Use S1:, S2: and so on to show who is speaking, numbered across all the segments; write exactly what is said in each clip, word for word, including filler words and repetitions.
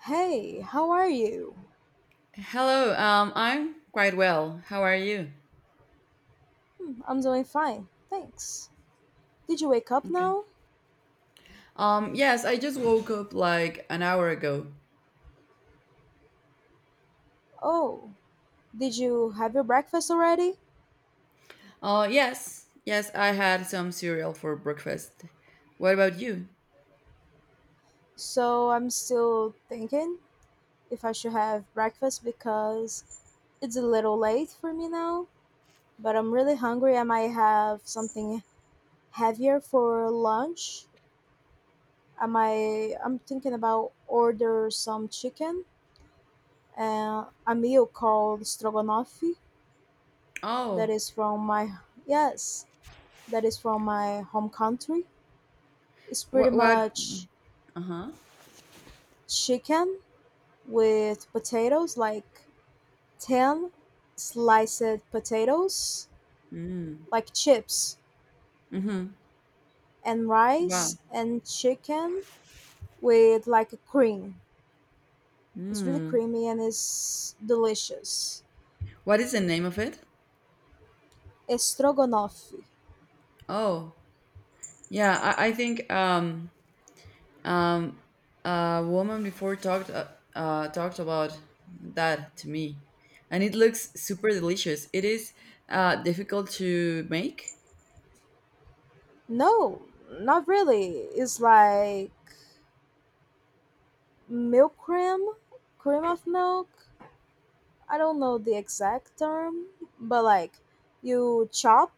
S1: Hey, how are you?
S2: Hello, um, I'm quite well. How are you?
S1: Hmm, I'm doing fine, thanks. Did you wake up
S2: Okay.
S1: now?
S2: Um, yes, I just woke up like an hour ago.
S1: Oh, did you have your breakfast already?
S2: Uh, yes, yes, I had some cereal for breakfast. What about you?
S1: So I'm still thinking if I should have breakfast because it's a little late for me now, but I'm really hungry. I might have something heavier for lunch. I might, I'm thinking about order some chicken and a meal called stroganoff that
S2: Oh,
S1: is from my, yes, that is from my home country. It's pretty
S2: what, what?
S1: much
S2: Uh-huh.
S1: chicken with potatoes, like ten sliced potatoes,
S2: Mm.
S1: like chips,
S2: Mm-hmm.
S1: and
S2: Wow.
S1: rice and chicken with like a cream. It's really
S2: Mm.
S1: creamy and it's delicious.
S2: What is the name of it?
S1: Stroganoff.
S2: Oh, yeah, I, I think, um, Um, a woman before talked uh, uh, talked about that to me, and it looks super delicious. It is uh, difficult to make.
S1: No, not really. It's like milk cream, cream of milk, I don't know the exact term, but like you chop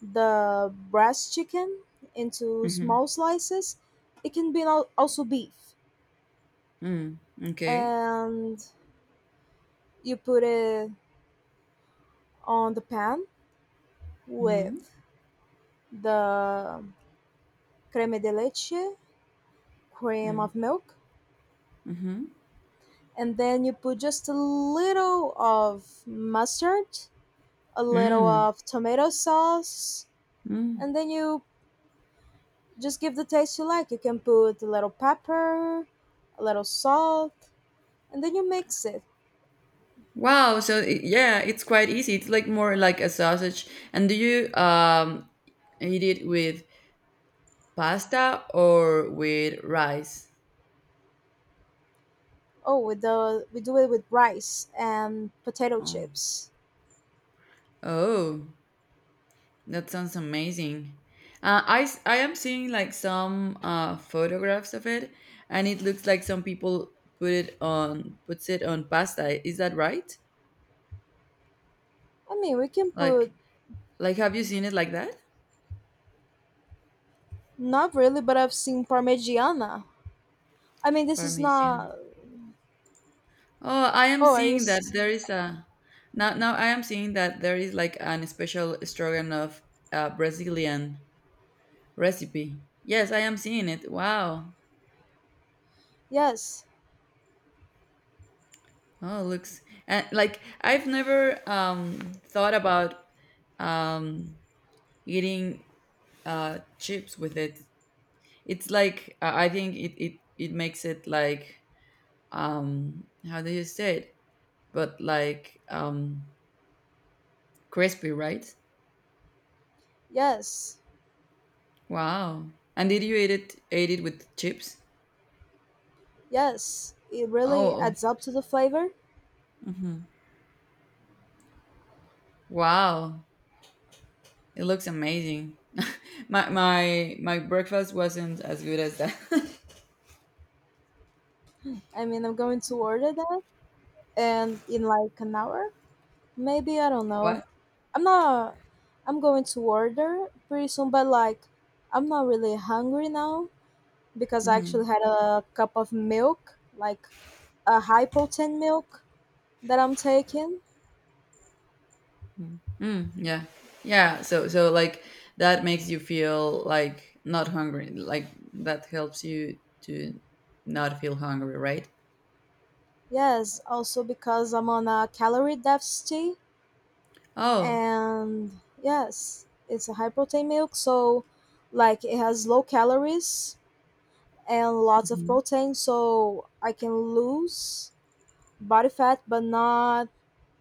S1: the breast chicken into
S2: Mm-hmm.
S1: small slices. It can be al- also beef,
S2: Mm, okay.
S1: and you put it on the pan
S2: Mm-hmm.
S1: with the creme de leche, cream
S2: Mm,
S1: of milk,
S2: mm-hmm.
S1: and then you put just a little of mustard, a little
S2: Mm,
S1: of tomato sauce,
S2: mm.
S1: and then you Just give the taste you like. You can put a little pepper, a little salt, and then you mix it.
S2: Wow. So it, yeah, it's quite easy. It's like more like a sausage. And do you um eat it with pasta or with rice?
S1: Oh, with the we do it with rice and potato
S2: Oh.
S1: chips.
S2: Oh. That sounds amazing. Uh, I, s- I am seeing like some uh, photographs of it, and it looks like some people put it on puts it on pasta. Is that right?
S1: I mean, we can
S2: Like
S1: put
S2: like have you seen it like that?
S1: not really, but I've seen parmigiana. I mean, this is
S2: Parmesan.
S1: not.
S2: Oh, I am
S1: Oh, are you?
S2: seeing that
S1: s-
S2: there is a now now I am seeing that there is like an special stroganoff uh, Brazilian recipe. Yes, I am seeing it. Wow.
S1: Yes,
S2: Oh, looks and like I've never um thought about um eating uh, chips with it. It's like uh, I think it, it it makes it like um how do you say it? But like um crispy, right?
S1: yes,
S2: Wow. And did you eat it ate it with chips?
S1: yes. It really
S2: Oh,
S1: adds up to the flavor.
S2: mhm, wow. It looks amazing. my my my breakfast wasn't as good as that.
S1: I mean, I'm going to order that and in like an hour, maybe, I don't know.
S2: What?
S1: I'm not, I'm going to order pretty soon, but like, I'm not really hungry now because I actually had a cup of milk, like a high protein milk that I'm taking.
S2: Mm. Mm, yeah. Yeah. So so like that makes you feel like not hungry. Like that helps you to not feel hungry, right?
S1: Yes, also because I'm on a calorie deficit
S2: Oh.
S1: and yes, it's a high protein milk, so like it has low calories and lots of
S2: Mhm.
S1: protein so I can lose body fat but not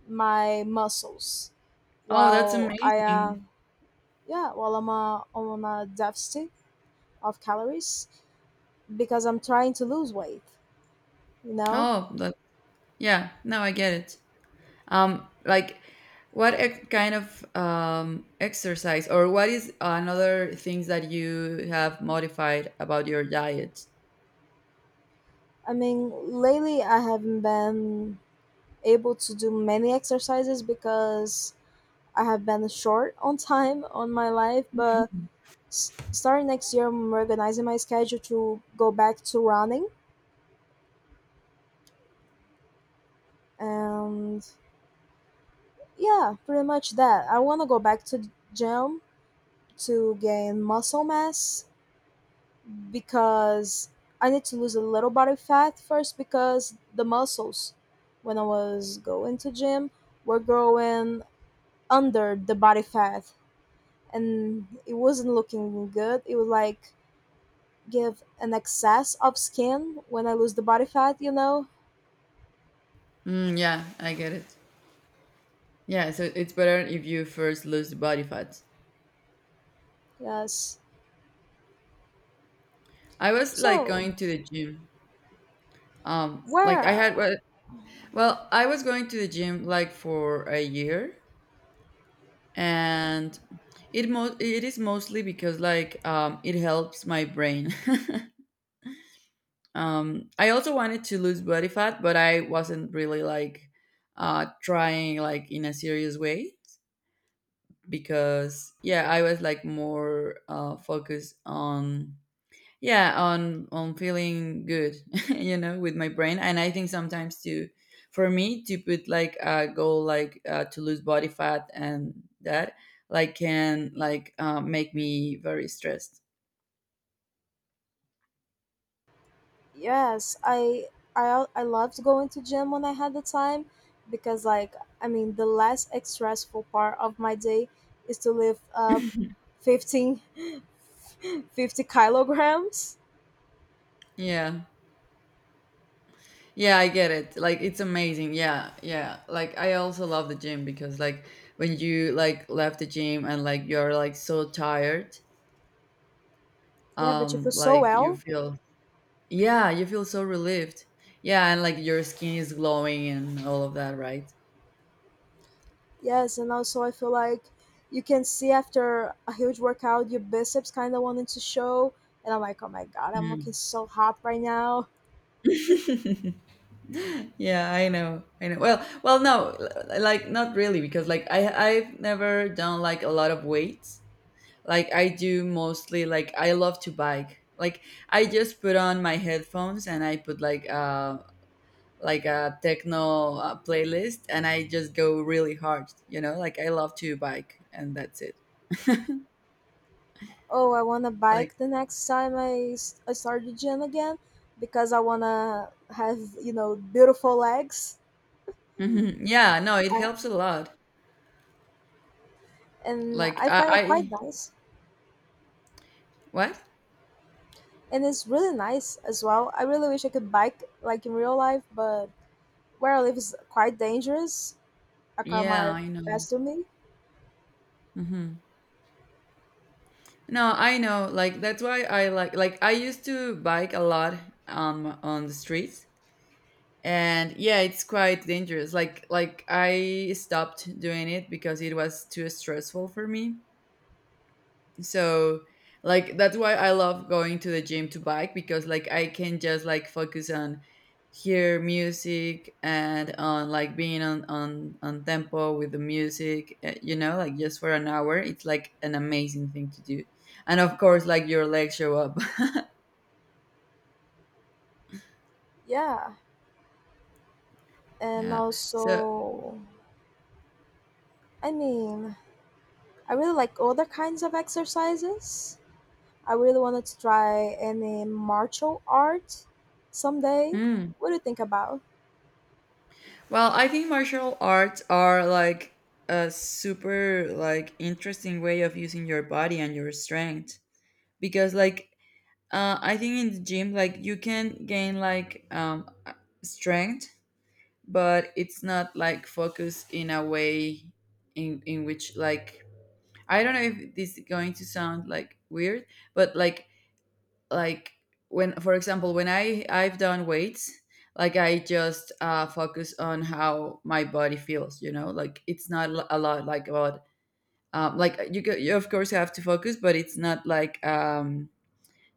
S1: my muscles
S2: Oh, that's
S1: while I
S2: amazing.
S1: am yeah while I'm uh, on a deficit of calories because I'm trying to lose weight, you know.
S2: Oh, that yeah. Now I get it. Um, like what ex- kind of um exercise or what is another things that you have modified about your diet?
S1: I mean lately I haven't been able to do many exercises because I have been short on time on my life, but s- starting next year I'm organizing my schedule to go back to running and yeah, pretty much that. I want to go back to the gym to gain muscle mass because I need to lose a little body fat first because the muscles when I was going to gym were growing under the body fat and it wasn't looking good. It would like give an excess of skin when I lose the body fat, you know?
S2: Mm, yeah, I get it. Yeah, so it's better if you first lose the body fat.
S1: Yes.
S2: I was like
S1: So,
S2: going to the gym. Um, like I had
S1: where
S2: well, well, I was going to the gym like for a year, and it mo- it is mostly because like um, it helps my brain. um, I also wanted to lose body fat, but I wasn't really like uh, trying like in a serious way because yeah, I was like more uh, focused on yeah on on feeling good. You know, with my brain. And I think sometimes to for me to put like a goal like uh, to lose body fat and that like can like uh, make me very stressed.
S1: yes, I I al- I loved going to gym when I had the time because like I mean the less stressful part of my day is to lift up fifteen, fifty kilograms.
S2: Yeah, yeah, I get it. Like it's amazing. Yeah, yeah, like I also love the gym because like when you like left the gym and like you're like so tired,
S1: Yeah, but you
S2: um
S1: feel so
S2: like you
S1: well.
S2: feel. Yeah, you feel so relieved. Yeah, and like your skin is glowing and all of that, right?
S1: Yes, and also I feel like you can see after a huge workout your biceps kind of wanting to show and I'm like, "Oh my god, I'm looking
S2: Mm.
S1: so hot right now."
S2: Yeah, I know. I know. Well, well, no, l- like not really because like I I've never done like a lot of weights. Like I do mostly like I love to bike. Like I just put on my headphones and I put like uh like a techno uh, playlist and I just go really hard, you know? Like I love to bike and that's it.
S1: Oh, I want to
S2: Like
S1: bike the next time i, s- I start the gym again because I want to have, you know, beautiful legs. I,
S2: mhm. Yeah, no, it helps a lot.
S1: and
S2: Like
S1: I
S2: I,
S1: find it quite
S2: I
S1: nice
S2: what?
S1: and it's really nice as well. I really wish I could bike like in real life, but where I live is quite dangerous. A car
S2: Yeah,
S1: might
S2: I know.
S1: pass through me.
S2: Hmm. No, I know. Like that's why I like like I used to bike a lot um on the streets, and yeah, it's quite dangerous. Like like I stopped doing it because it was too stressful for me. So like that's why I love going to the gym to bike because like I can just like focus on hear music and on like being on on on tempo with the music, uh, you know, like just for an hour it's like an amazing thing to do, and of course like your legs show up.
S1: Yeah, and
S2: Yeah. So
S1: also I mean I really like other kinds of exercises. I really wanted to try any martial art someday.
S2: mm.
S1: What do you think about?
S2: Well, I think martial arts are like a super like interesting way of using your body and your strength because like Uh, I think in the gym, like you can gain like um, strength, but it's not like focused in a way in in which like I don't know if this is going to sound like weird, but like like when for example when I I've done weights, like I just uh, focus on how my body feels, you know, like it's not a lot like about um, like you, go- you of course have to focus, but it's not like um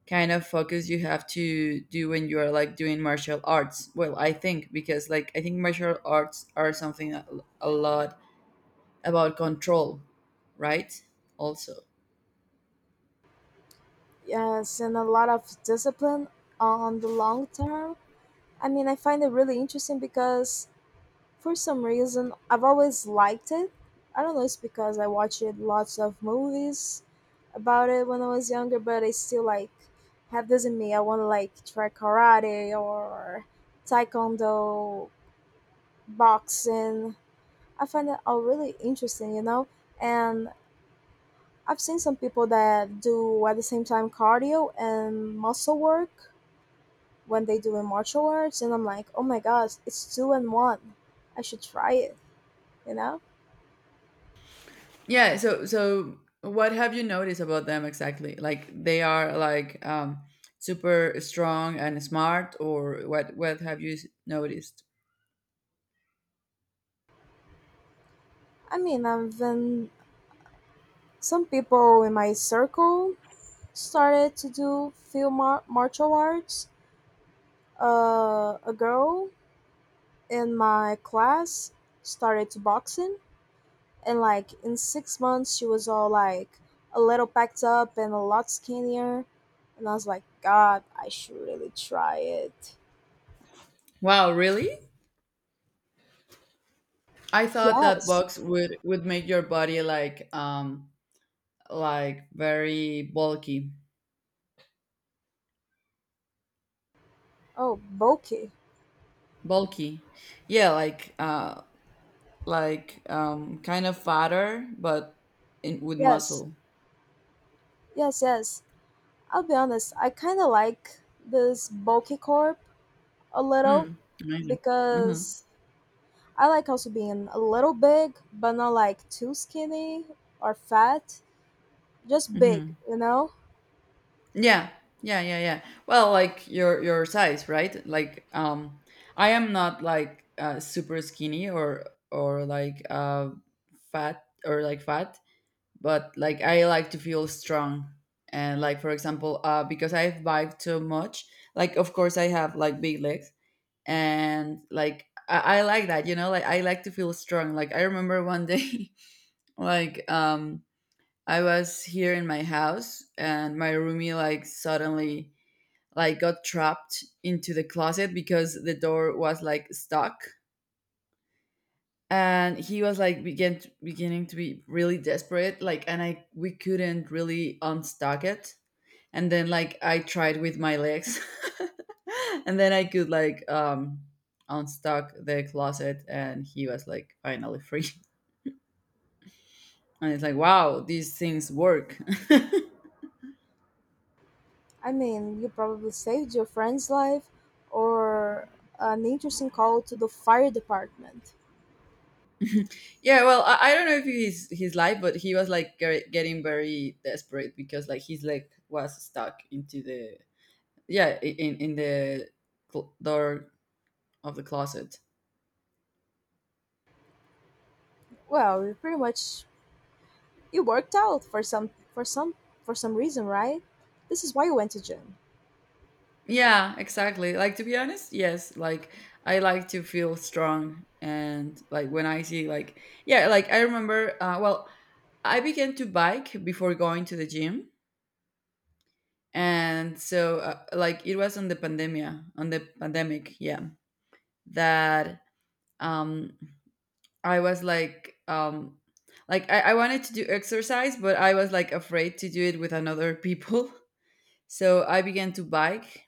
S2: kind of focus you have to do when you are like doing martial arts. Well, I think because like I think martial arts are something a, a lot about control, right? Also
S1: Yes, and a lot of discipline on the long term. I mean, I find it really interesting because for some reason I've always liked it. I don't know, it's because I watched lots of movies about it when I was younger, but I still like have this in me. I want to like try karate or taekwondo, boxing, I find it all really interesting, you know. And I've seen some people that do at the same time cardio and muscle work when they do in martial arts, and I'm like, oh my gosh, it's two and one. I should try it, you know.
S2: yeah. So so what have you noticed about them exactly? Like they are like um super strong and smart or what what have you s- noticed?
S1: I mean, I've been some people in my circle started to do few mar- martial arts. Uh, a girl in my class started to boxing. And like in six months, she was all like a little packed up and a lot skinnier. And I was like, God, I should really try it.
S2: Wow, really? I thought that
S1: Yes.
S2: box would would make your body like um like very bulky.
S1: Oh, bulky.
S2: Bulky. Yeah, like uh like um kind of fatter but in with
S1: Yes.
S2: muscle.
S1: Yes, yes. I'll be honest, I kind of like this bulky corp a little
S2: Mm, amazing. Mm-hmm.
S1: because I like also being a little big, but not like too skinny or fat, just big,
S2: Mm-hmm.
S1: you know?
S2: Yeah. Yeah, yeah, yeah. Well, like your your size, right? Like um I am not like uh super skinny or or like uh fat or like fat, but like I like to feel strong. And like for example, uh because I've biked too much, like of course I have like big legs, and like I, I like that, you know, like I like to feel strong. Like I remember one day like um I was here in my house and my roomie like suddenly like got trapped into the closet because the door was like stuck, and he was like begin beginning to be really desperate like, and I we couldn't really unstuck it. And then like I tried with my legs, and then I could like um unstuck the closet, and he was like finally free. And it's like, wow, these things work.
S1: I mean, you probably saved your friend's life or an interesting call to the fire department.
S2: Yeah, well, I, I don't know if he's his life, but he was like ge- getting very desperate because like his leg was stuck into the yeah i- in in the cl- door of the closet.
S1: Well, you pretty much you worked out for some for some for some reason, right? This is why you went to gym.
S2: Yeah, exactly. Like to be honest, yes, like I like to feel strong, and like when I see like yeah, like I remember uh well, I began to bike before going to the gym, and so uh, like it was on the pandemia, on the pandemic, yeah, that um I was like um like I, I wanted to do exercise but I was like afraid to do it with another people. So I began to bike,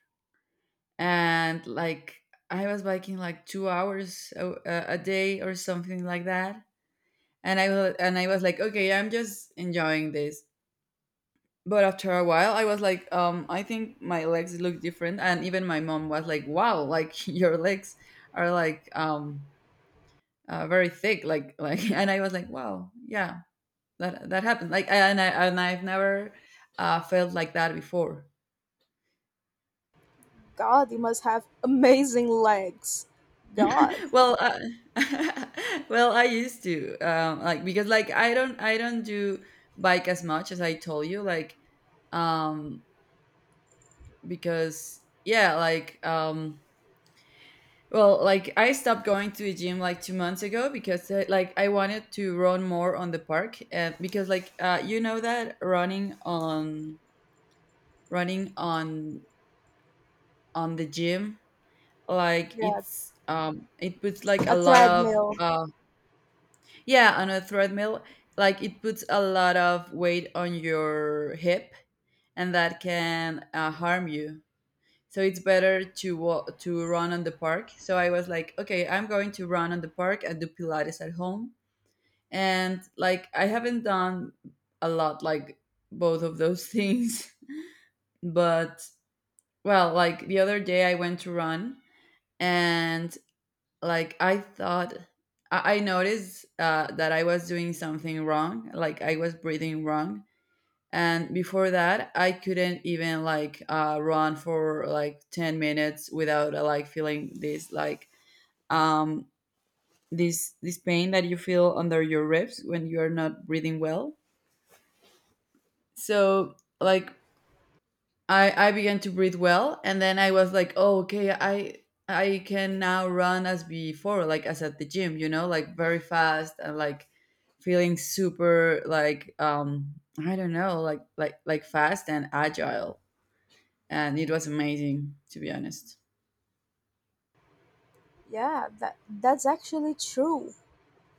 S2: and like I was biking like two hours a, a a day or something like that. And I was and I was like, okay, I'm just enjoying this. But after a while, I was like, um, I think my legs look different. And even my mom was like, wow, like your legs are like um uh, very thick, like like. And I was like, wow, yeah, that that happened. Like, and I and I've never uh, felt like that before.
S1: God, you must have amazing legs. God.
S2: Well, uh, well, I used to um, like because like I don't I don't do bike as much as I told you like um because yeah like um well like I stopped going to the gym like two months ago because uh, like I wanted to run more on the park and because like uh, you know that running on running on on the gym like
S1: Yeah,
S2: it's um it puts like a
S1: a
S2: lot of
S1: treadmill.
S2: uh Yeah, on a treadmill, like it puts a lot of weight on your hip, and that can uh, harm you. So it's better to wa- to run on the park. So I was like, okay, I'm going to run on the park and do Pilates at home. And like I haven't done a lot like both of those things, but well, like the other day I went to run, and like i thought i, I noticed uh, that I was doing something wrong, like I was breathing wrong. And before that I couldn't even like uh, run for like ten minutes without uh, like feeling this like um this this pain that you feel under your ribs when you are not breathing well. So like I I began to breathe well, and then I was like, oh, okay, I I can now run as before, like as at the gym, you know, like very fast and like feeling super like um I don't know, like like like fast and agile, and it was amazing, to be honest.
S1: Yeah, that that's actually true.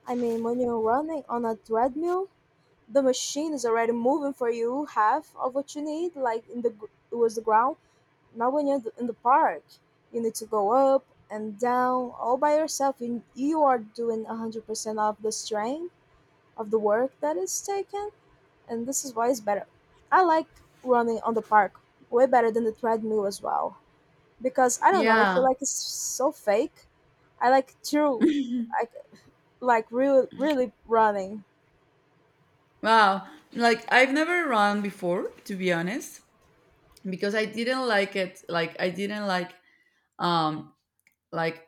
S1: I mean, when you're running on a treadmill, the machine is already moving for you half of what you need, like in the gr- towards the ground. Now, when you're in the park, you need to go up and down all by yourself. You, you are doing one hundred percent of the strength of the work that is taken, and this is why it's better. I like running on the park way better than the treadmill as well because I don't know, I
S2: Yeah.
S1: feel like it's so fake. I like true, I like real, really running.
S2: Wow. Like I've never run before, to be honest, because I didn't like it. Like I didn't like um like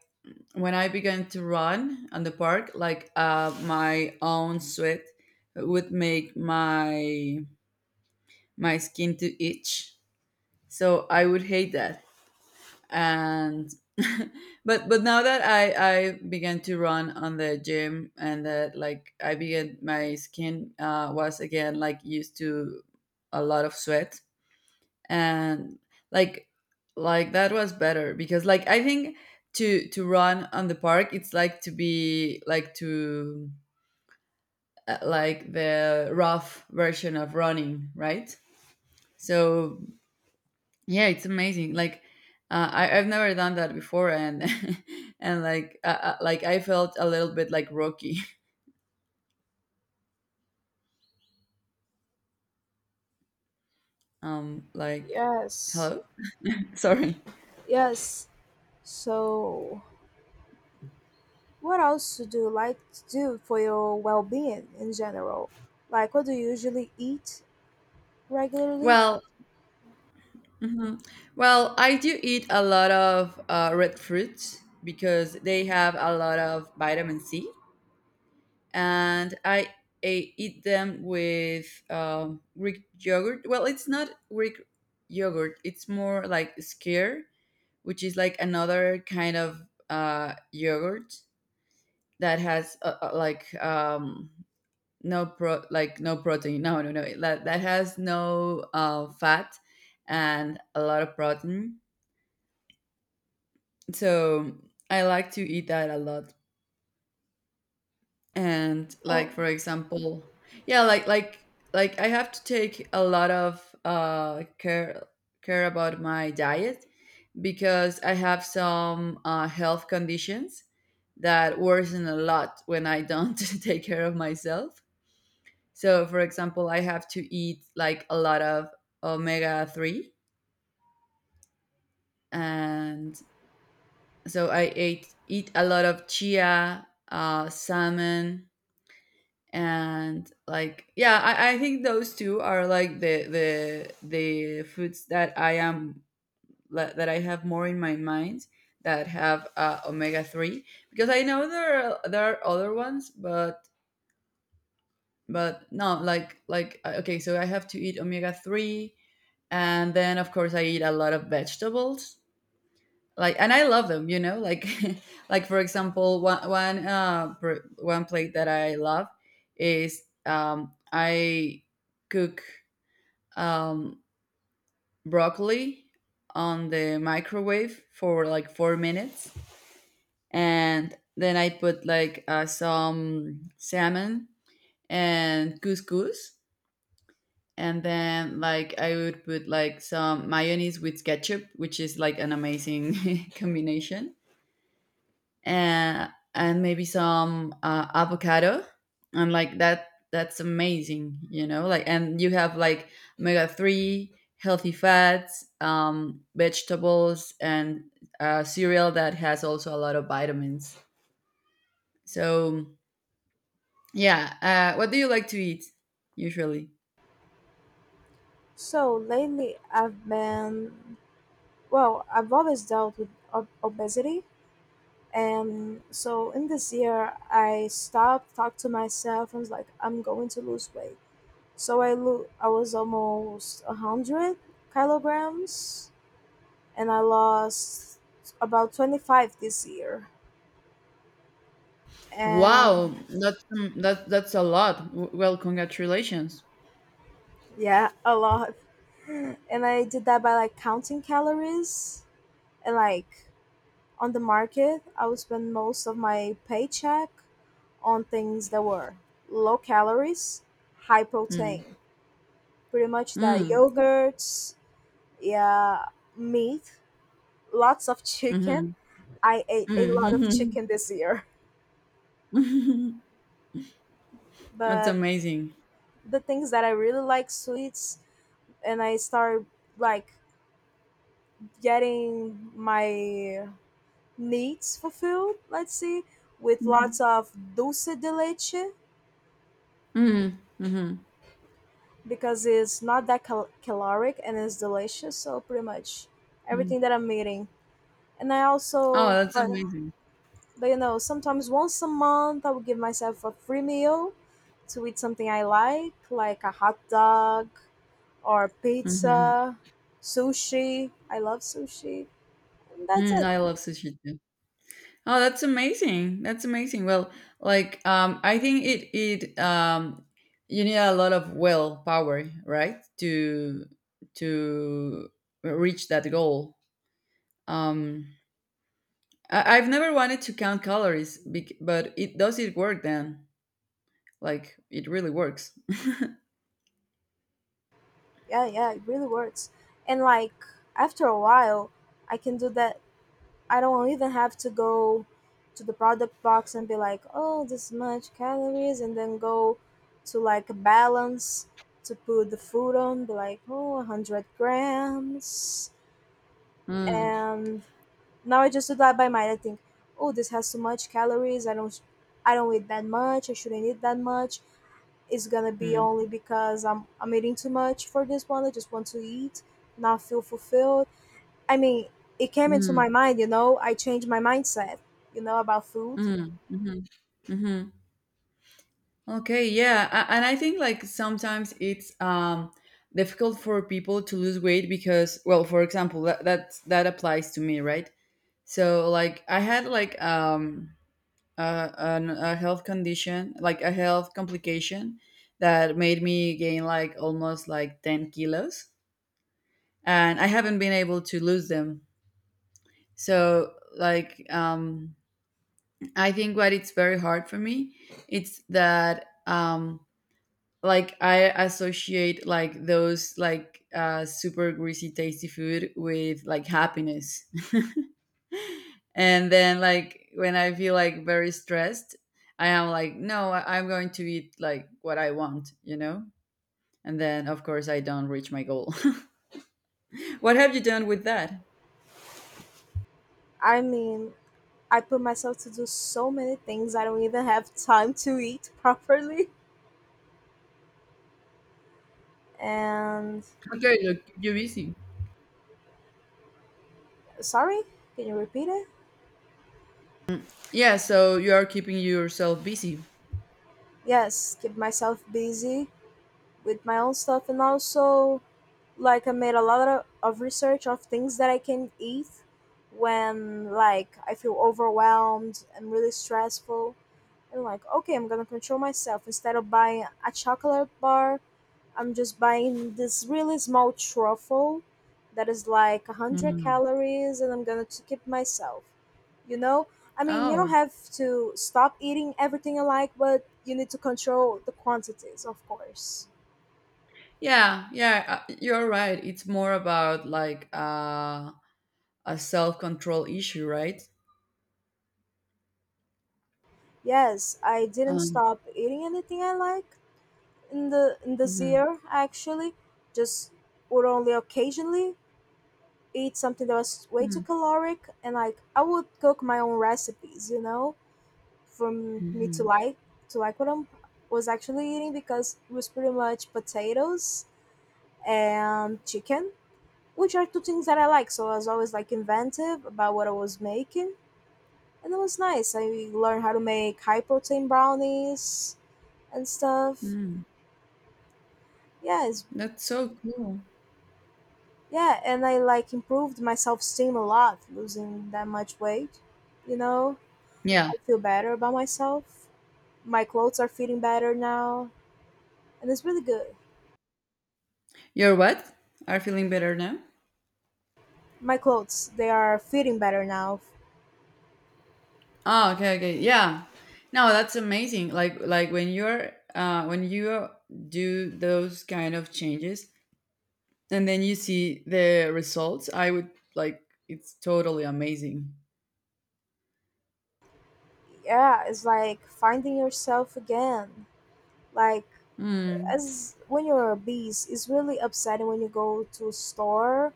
S2: when I began to run on the park, like uh, my own sweat would make my my skin to itch. So I would hate that. And but but now that I I began to run on the gym, and that, like, I began, my skin uh, was again like used to a lot of sweat. And, like, like that was better because, like, I think to to run on the park it's like to be like to, uh, like, the rough version of running, right? So yeah, it's amazing. Like, uh, I, I've never done that before. And and, like, uh, uh, like, I felt a little bit like Rocky. um like,
S1: Yes,
S2: hello. Sorry.
S1: yes. So what else do you like to do for your well being in general? Like, what do you usually eat regularly?
S2: Well hmm Well, I do eat a lot of uh, red fruits because they have a lot of vitamin C, and I, I eat them with um, Greek yogurt. Well, it's not Greek yogurt; it's more like skyr, which is like another kind of uh, yogurt that has uh, uh, like, um, no pro like no protein. No, no, no. That that has no uh, fat and a lot of protein, so I like to eat that a lot. And, like,
S1: Oh,
S2: for example, yeah, like like like, I have to take a lot of uh care care about my diet, because I have some uh, health conditions that worsen a lot when I don't take care of myself. So, for example, I have to eat, like, a lot of omega three, and so I ate eat a lot of chia, uh, salmon. And, like, yeah, I, I think those two are like the the the foods that I am la- that I have more in my mind, that have uh, omega three. Because I know there are there are other ones, but but no, like like uh, okay, so I have to eat omega three. And then, of course, I eat a lot of vegetables. Like, and I love them, you know? Like, like, for example, one one uh pr- one plate that I love is, um I cook, um broccoli on the microwave for like four minutes, and then I put, like, uh, some salmon and couscous. And then, like, I would put like some mayonnaise with ketchup, which is like an amazing combination. uh, and maybe some uh, avocado, and, like, that that's amazing, you know? Like, and you have like omega three, healthy fats, um, vegetables, and uh, cereal that has also a lot of vitamins. So yeah. Uh, what do you like to eat usually?
S1: so lately I've been, well, I've always dealt with ob- obesity. And so in this year, I stopped, talked to myself, and was like, I'm going to lose weight. So I, lo- I was almost one hundred kilograms, and I lost about twenty-five this year. And
S2: Wow, that's, um, that, that's a lot. W- well, congratulations.
S1: yeah, a lot. And I did that by like counting calories and like on the market, I would spend most of my paycheck on things that were low calories, high
S2: Mm.
S1: protein. Pretty much that
S2: Mm.
S1: yogurts, yeah, meat, lots of chicken.
S2: Hmm.
S1: I ate a lot of chicken this year.
S2: That's
S1: But
S2: amazing.
S1: the things that I really like sweets and I started like getting my needs fulfilled, let's see, with lots of dulce de leche
S2: Mhm, mhm.
S1: because it's not that cal- caloric and it's delicious. So pretty much
S2: Mm.
S1: everything that I'm eating. And I
S2: Oh,
S1: also,
S2: that's
S1: but,
S2: amazing.
S1: but you know, sometimes once a month I will give myself a free meal to eat something I like, like a hot dog or
S2: Mhm.
S1: pizza, sushi. I love sushi. And that's
S2: Mm,
S1: it.
S2: I love sushi too. Oh, that's amazing. That's amazing. Well, like, um, I think it it, um, you need a lot of willpower, right, to to reach that goal. Um, I, I've never wanted to count calories, bec- but it does it work then? Like, it really works.
S1: Yeah, yeah, it really works. And like after a while, I can do that. I don't even have to go to the product box and be like, oh, this much calories, and then go to like balance to put the food on, be like, oh, one hundred grams.
S2: Mm,
S1: And now I just do that by mind. I think, oh, this has too much calories. I don't, I don't eat that much. I shouldn't eat that much. It's gonna be
S2: mm,
S1: only because I'm, I'm eating too much for this one. I just want to eat, not feel fulfilled. I mean, it came into my
S2: mm,
S1: mind, you know, I changed my mindset, you know, about food.
S2: mm, mhm, mhm. Okay, yeah, a- and I think, like, sometimes it's, um, difficult for people to lose weight because, well, for example, that that, that applies to me, right? So, like, I had like um, a, an, a health condition, like a health complication that made me gain like almost like ten kilos, and I haven't been able to lose them. So, like, um, I think what it's very hard for me, it's that, um, like I associate like those like uh, super greasy tasty food with, like, happiness. And then, like, when I feel like very stressed, I am like, no, I- I'm going to eat like what I want, you know? And then, of course, I don't reach my goal. What have you done with that?
S1: I mean, I put myself to do so many things I don't even have time to eat properly. And
S2: Okay, you keep you busy.
S1: sorry, can you repeat it?
S2: Yeah, so you are keeping yourself busy.
S1: Yes, keep myself busy with my own stuff and also like I made a lot of, of research of things that I can eat when like I feel overwhelmed and really stressful and like okay, I'm gonna control myself. Instead of buying a chocolate bar, I'm just buying this really small truffle that is like one hundred
S2: Mm.
S1: calories and I'm gonna t- keep myself, you know. I mean, you don't
S2: Oh,
S1: have to stop eating everything you like, but you need to control the quantities, of course.
S2: yeah, yeah, uh, you're right. It's more about, like, uh, a self control issue, right?
S1: Yes, I didn't
S2: Um,
S1: stop eating anything I like in the in this
S2: mhm,
S1: year actually, just or only occasionally eat something that was way too
S2: mm,
S1: caloric, and like I would cook my own recipes, you know, for m- me to
S2: mhm,
S1: like to like what I was actually eating because it was pretty much potatoes and chicken, which are two things that I like, so I was always like inventive about what I was making, and it was nice. I learned how to make high protein brownies and stuff.
S2: mm.
S1: yeah it's,
S2: That's so cool.
S1: yeah, and I like improved my self-esteem a lot losing that much weight, you know.
S2: Yeah.
S1: I feel better about myself. My clothes are fitting better now, and it's really good.
S2: You're what? Are feeling better now?
S1: My clothes, they are fitting better now.
S2: Oh, okay, okay. Yeah. No, that's amazing. Like like, when you're uh when you do those kind of changes, and then you see the results, I would, like, it's totally amazing.
S1: Yeah, it's like finding yourself again. Like,
S2: Mm.
S1: as when you're a beast, it's really upsetting when you go to a store,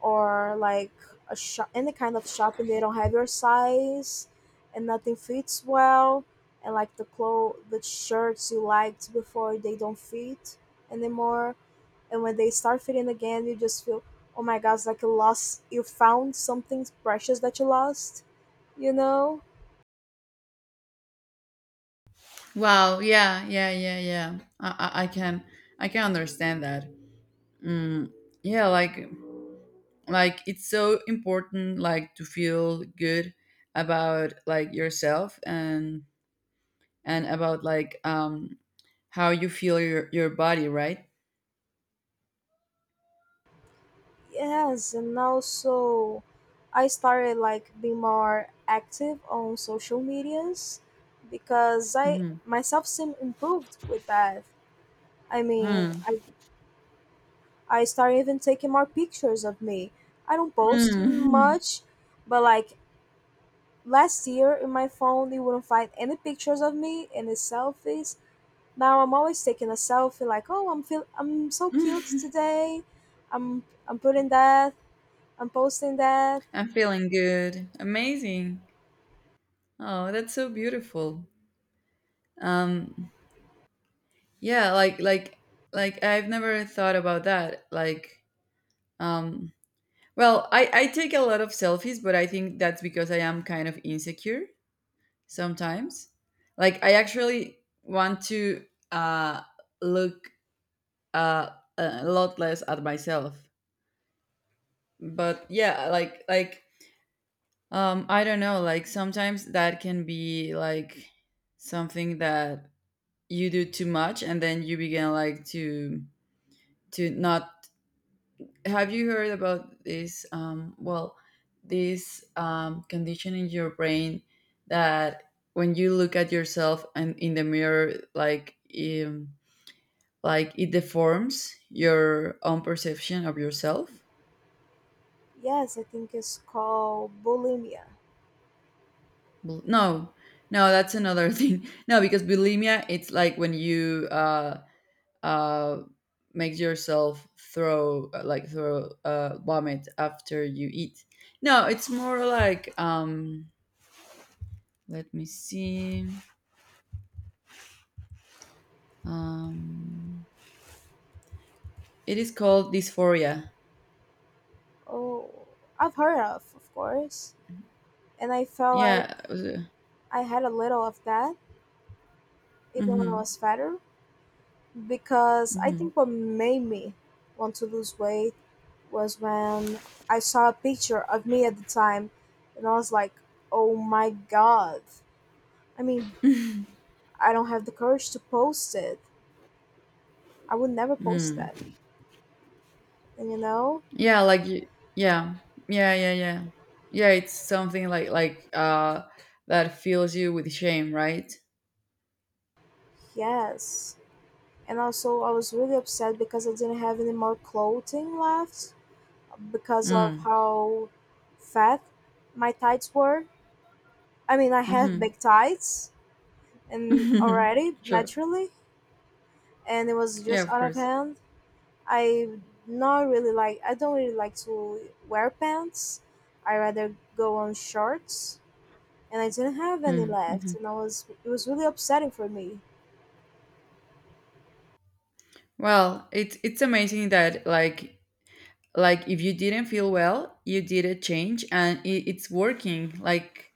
S1: or like a shop, any kind of shop, and they don't have your size, and nothing fits well, and like the clothes, the shirts you liked before, they don't fit anymore. And when they start feeding again you just feel, oh my god, like, you lost you found something precious that you lost, you know?
S2: Wow. Yeah. Yeah. Yeah. Yeah. I, I, I can I can understand that. Mm. Yeah. Like like, it's so important, like, to feel good about, like, yourself, and and about, like, um how you feel your your body, right?
S1: Yes, and also I started like being more active on social medias, because I
S2: Hmm.
S1: myself seem improved with that. I mean,
S2: Mm.
S1: i i started even taking more pictures of me. I don't post
S2: Mm.
S1: much, but like, last year in my phone you wouldn't find any pictures of me, any selfies. Now I'm always taking a selfie, like, oh, I'm feel I'm so cute today. I'm I'm putting that. I'm posting that.
S2: I'm feeling good. Amazing. Oh, that's so beautiful. um yeah, like like like, I've never thought about that, like um well, i I take a lot of selfies, but I think that's because I am kind of insecure sometimes. Like, I actually want to, uh, look, uh, a lot less at myself. But yeah, like like um, I don't know. Like, sometimes that can be like something that you do too much, and then you begin, like, to to not. Have you heard about this? Um, well, this, um, condition in your brain, that when you look at yourself and in the mirror, like. Um, like, it deforms your own perception of yourself.
S1: Yes, I think it's called bulimia.
S2: Bel- no, no that's another thing. No, because bulimia, it's like when you uh uh make yourself throw, uh, like throw uh vomit after you eat. No, it's more like, um let me see, um it is called dysphoria.
S1: Oh, I've heard of, of course. And I felt like
S2: Yeah. Uh,
S1: I had a little of that even when I
S2: mm-hmm,
S1: was fatter, because I
S2: mm-hmm,
S1: think what made me want to lose weight was when I saw a picture of me at the time and I was like, oh my god. I mean, I don't have the courage to post it. I would never post that.
S2: mm.
S1: And you know?
S2: Yeah, like you. Yeah. Yeah, yeah, yeah. Yeah, it's something like, like uh that fills you with shame, right?
S1: Yes. And also, I was really upset because I didn't have any more clothing left, because of
S2: Mm.
S1: how fat my tights were. I mean, I have
S2: Mhm.
S1: big tights and already
S2: Sure.
S1: naturally, and it was
S2: Yeah,
S1: just
S2: of
S1: out of
S2: course.
S1: hand. I not really like. I don't really like to wear pants. I rather go on shorts, and I didn't have any
S2: Mm.
S1: left,
S2: Mhm.
S1: and I was it was really upsetting for me.
S2: Well, it's it's amazing that, like like, if you didn't feel well, you did a change, and it, it's working. Like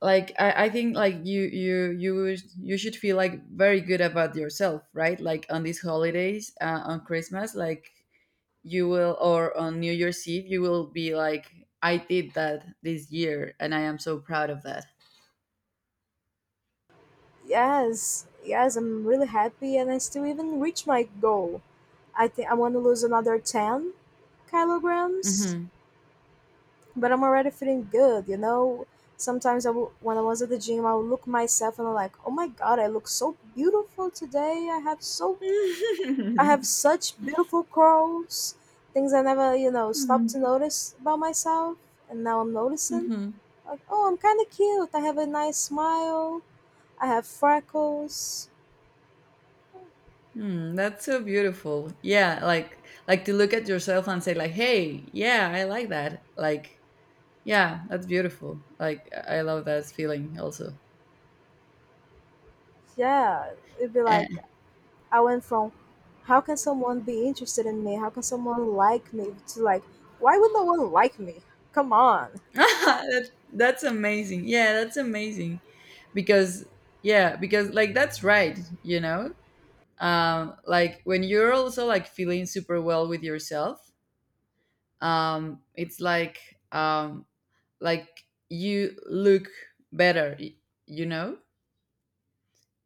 S2: Like, I, I think, like, you you you sh- you should feel, like, very good about yourself, right? Like, on these holidays, uh, on Christmas, like, you will, or on New Year's Eve you will be like, I did that this year and I am so proud of that.
S1: Yes, yes, I'm really happy, and I still even reached my goal. I think I want to lose another ten kilograms,
S2: Hmm.
S1: but I'm already feeling good. You know, sometimes I w- when I was at the gym, I would look myself and I'm like, oh my god, I look so beautiful today. I have so I
S2: Mm-hmm.
S1: have such beautiful curls, things I never you know stopped
S2: Mm,
S1: to notice about myself, and now I'm noticing.
S2: mhm.
S1: Like, oh, I'm kind of cute. I have a nice smile. I have freckles.
S2: Mm, that's so beautiful. Yeah, like like, to look at yourself and say like, "Hey, yeah, I like that." Like, yeah, that's beautiful. Like, I love that feeling also.
S1: Yeah, it'd be like,
S2: Eh.
S1: I went from, how can someone be interested in me? How can someone like me? To like, why would no one like me? Come on.
S2: that's, that's amazing. Yeah, that's amazing. Because yeah, because, like, that's right, you know? Um, like, when you're also like feeling super well with yourself, um, it's like, um, like you look better, y- you know,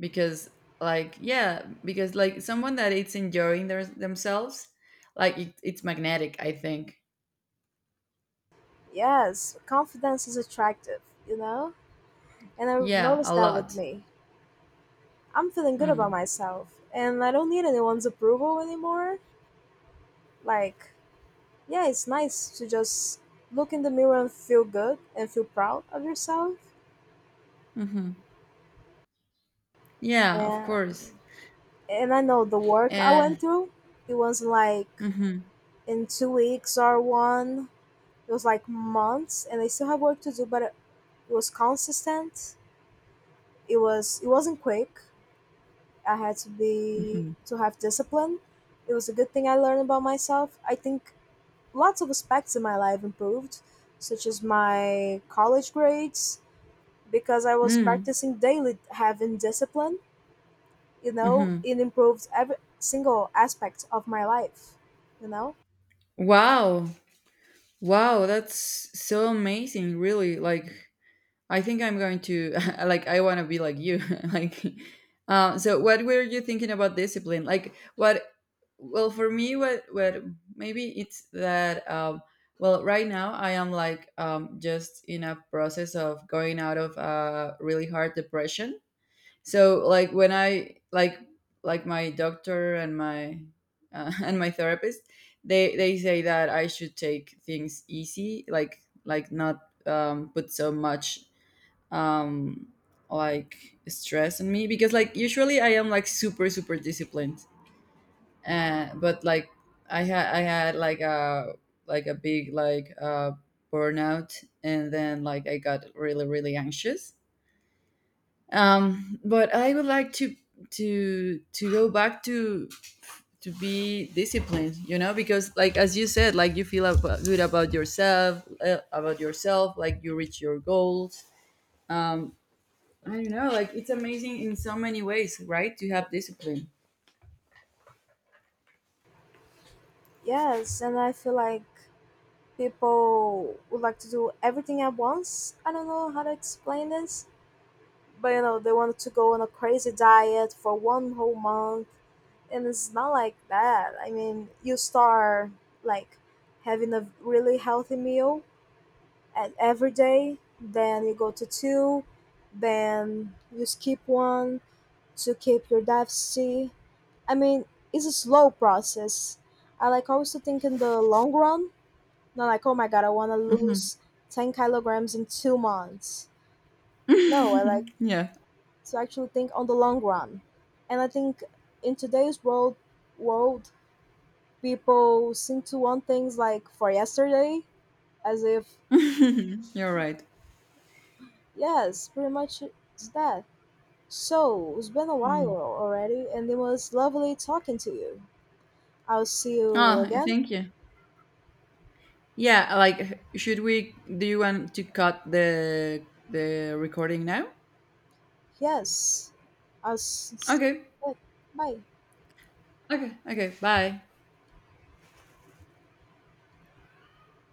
S2: because like yeah, because like someone that it's enjoying their, themselves, like, it, it's magnetic, I think.
S1: Yes, confidence is attractive, you know? And I
S2: Yeah, a
S1: noticed that with
S2: lot.
S1: me. I'm feeling good about
S2: Mm.
S1: myself and I don't need anyone's approval anymore. Like, yeah, it's nice to just look in the mirror and feel good and feel proud of yourself.
S2: Hmm. Yeah, of
S1: Yeah.
S2: course.
S1: And I know the work I
S2: And,
S1: went through, it was like,
S2: hmm,
S1: in two weeks or one, it was like months, and I still have work to do, but it was consistent. It was it wasn't quick. I had to be
S2: hmm.
S1: to have discipline. It was a good thing I learned about myself. I think lots of aspects in my life improved, such as my college grades, because I was
S2: Mm,
S1: practicing daily, having discipline. You know,
S2: hmm.
S1: it improves every single aspect of my life, you know?
S2: Wow. Wow, that's so amazing, really. Like, I think I'm going to like, I want to be like you. like uh, so what were you thinking about discipline? Like what? Well, for me, what what, maybe it's that, um well, right now I am like, um just in a process of going out of a really hard depression. So, like, when I, like like my doctor and my, uh, and my therapist, they they say that I should take things easy, like, like not, um, put so much, um like, stress on me, because, like, usually I am like super super disciplined. Uh, but, like, i had I had like a, like a big, like uh burnout, and then like I got really really anxious. Um but I would like to to to go back to to be disciplined, you know, because, like, as you said, like you feel ab- good about yourself uh, about yourself like, you reach your goals. Um. I don't know, like, it's amazing in so many ways, right? To have discipline.
S1: Yes, and I feel like people would like to do everything at once. I don't know how to explain this, but you know, they want to go on a crazy diet for one whole month. And it's not like that. I mean, you start like having a really healthy meal at every day, then you go to two, then you skip one to keep your deficit. I mean, it's a slow process. I like always to think in the long run, not like, oh my god, I want to
S2: Hmm.
S1: lose ten kilograms in two months. No, I like
S2: Yeah.
S1: to actually think on the long run. And I think in today's world, world people seem to want things like for yesterday, as if,
S2: You're right.
S1: yes, pretty much it's that. So, it's been a while
S2: Mm.
S1: already, and it was lovely talking to you. I'll see you
S2: Oh,
S1: again.
S2: thank you. Yeah, like, should we? Do you want to cut the the recording now?
S1: Yes, I'll s- sit
S2: Okay,
S1: back. Bye.
S2: okay, okay. Bye.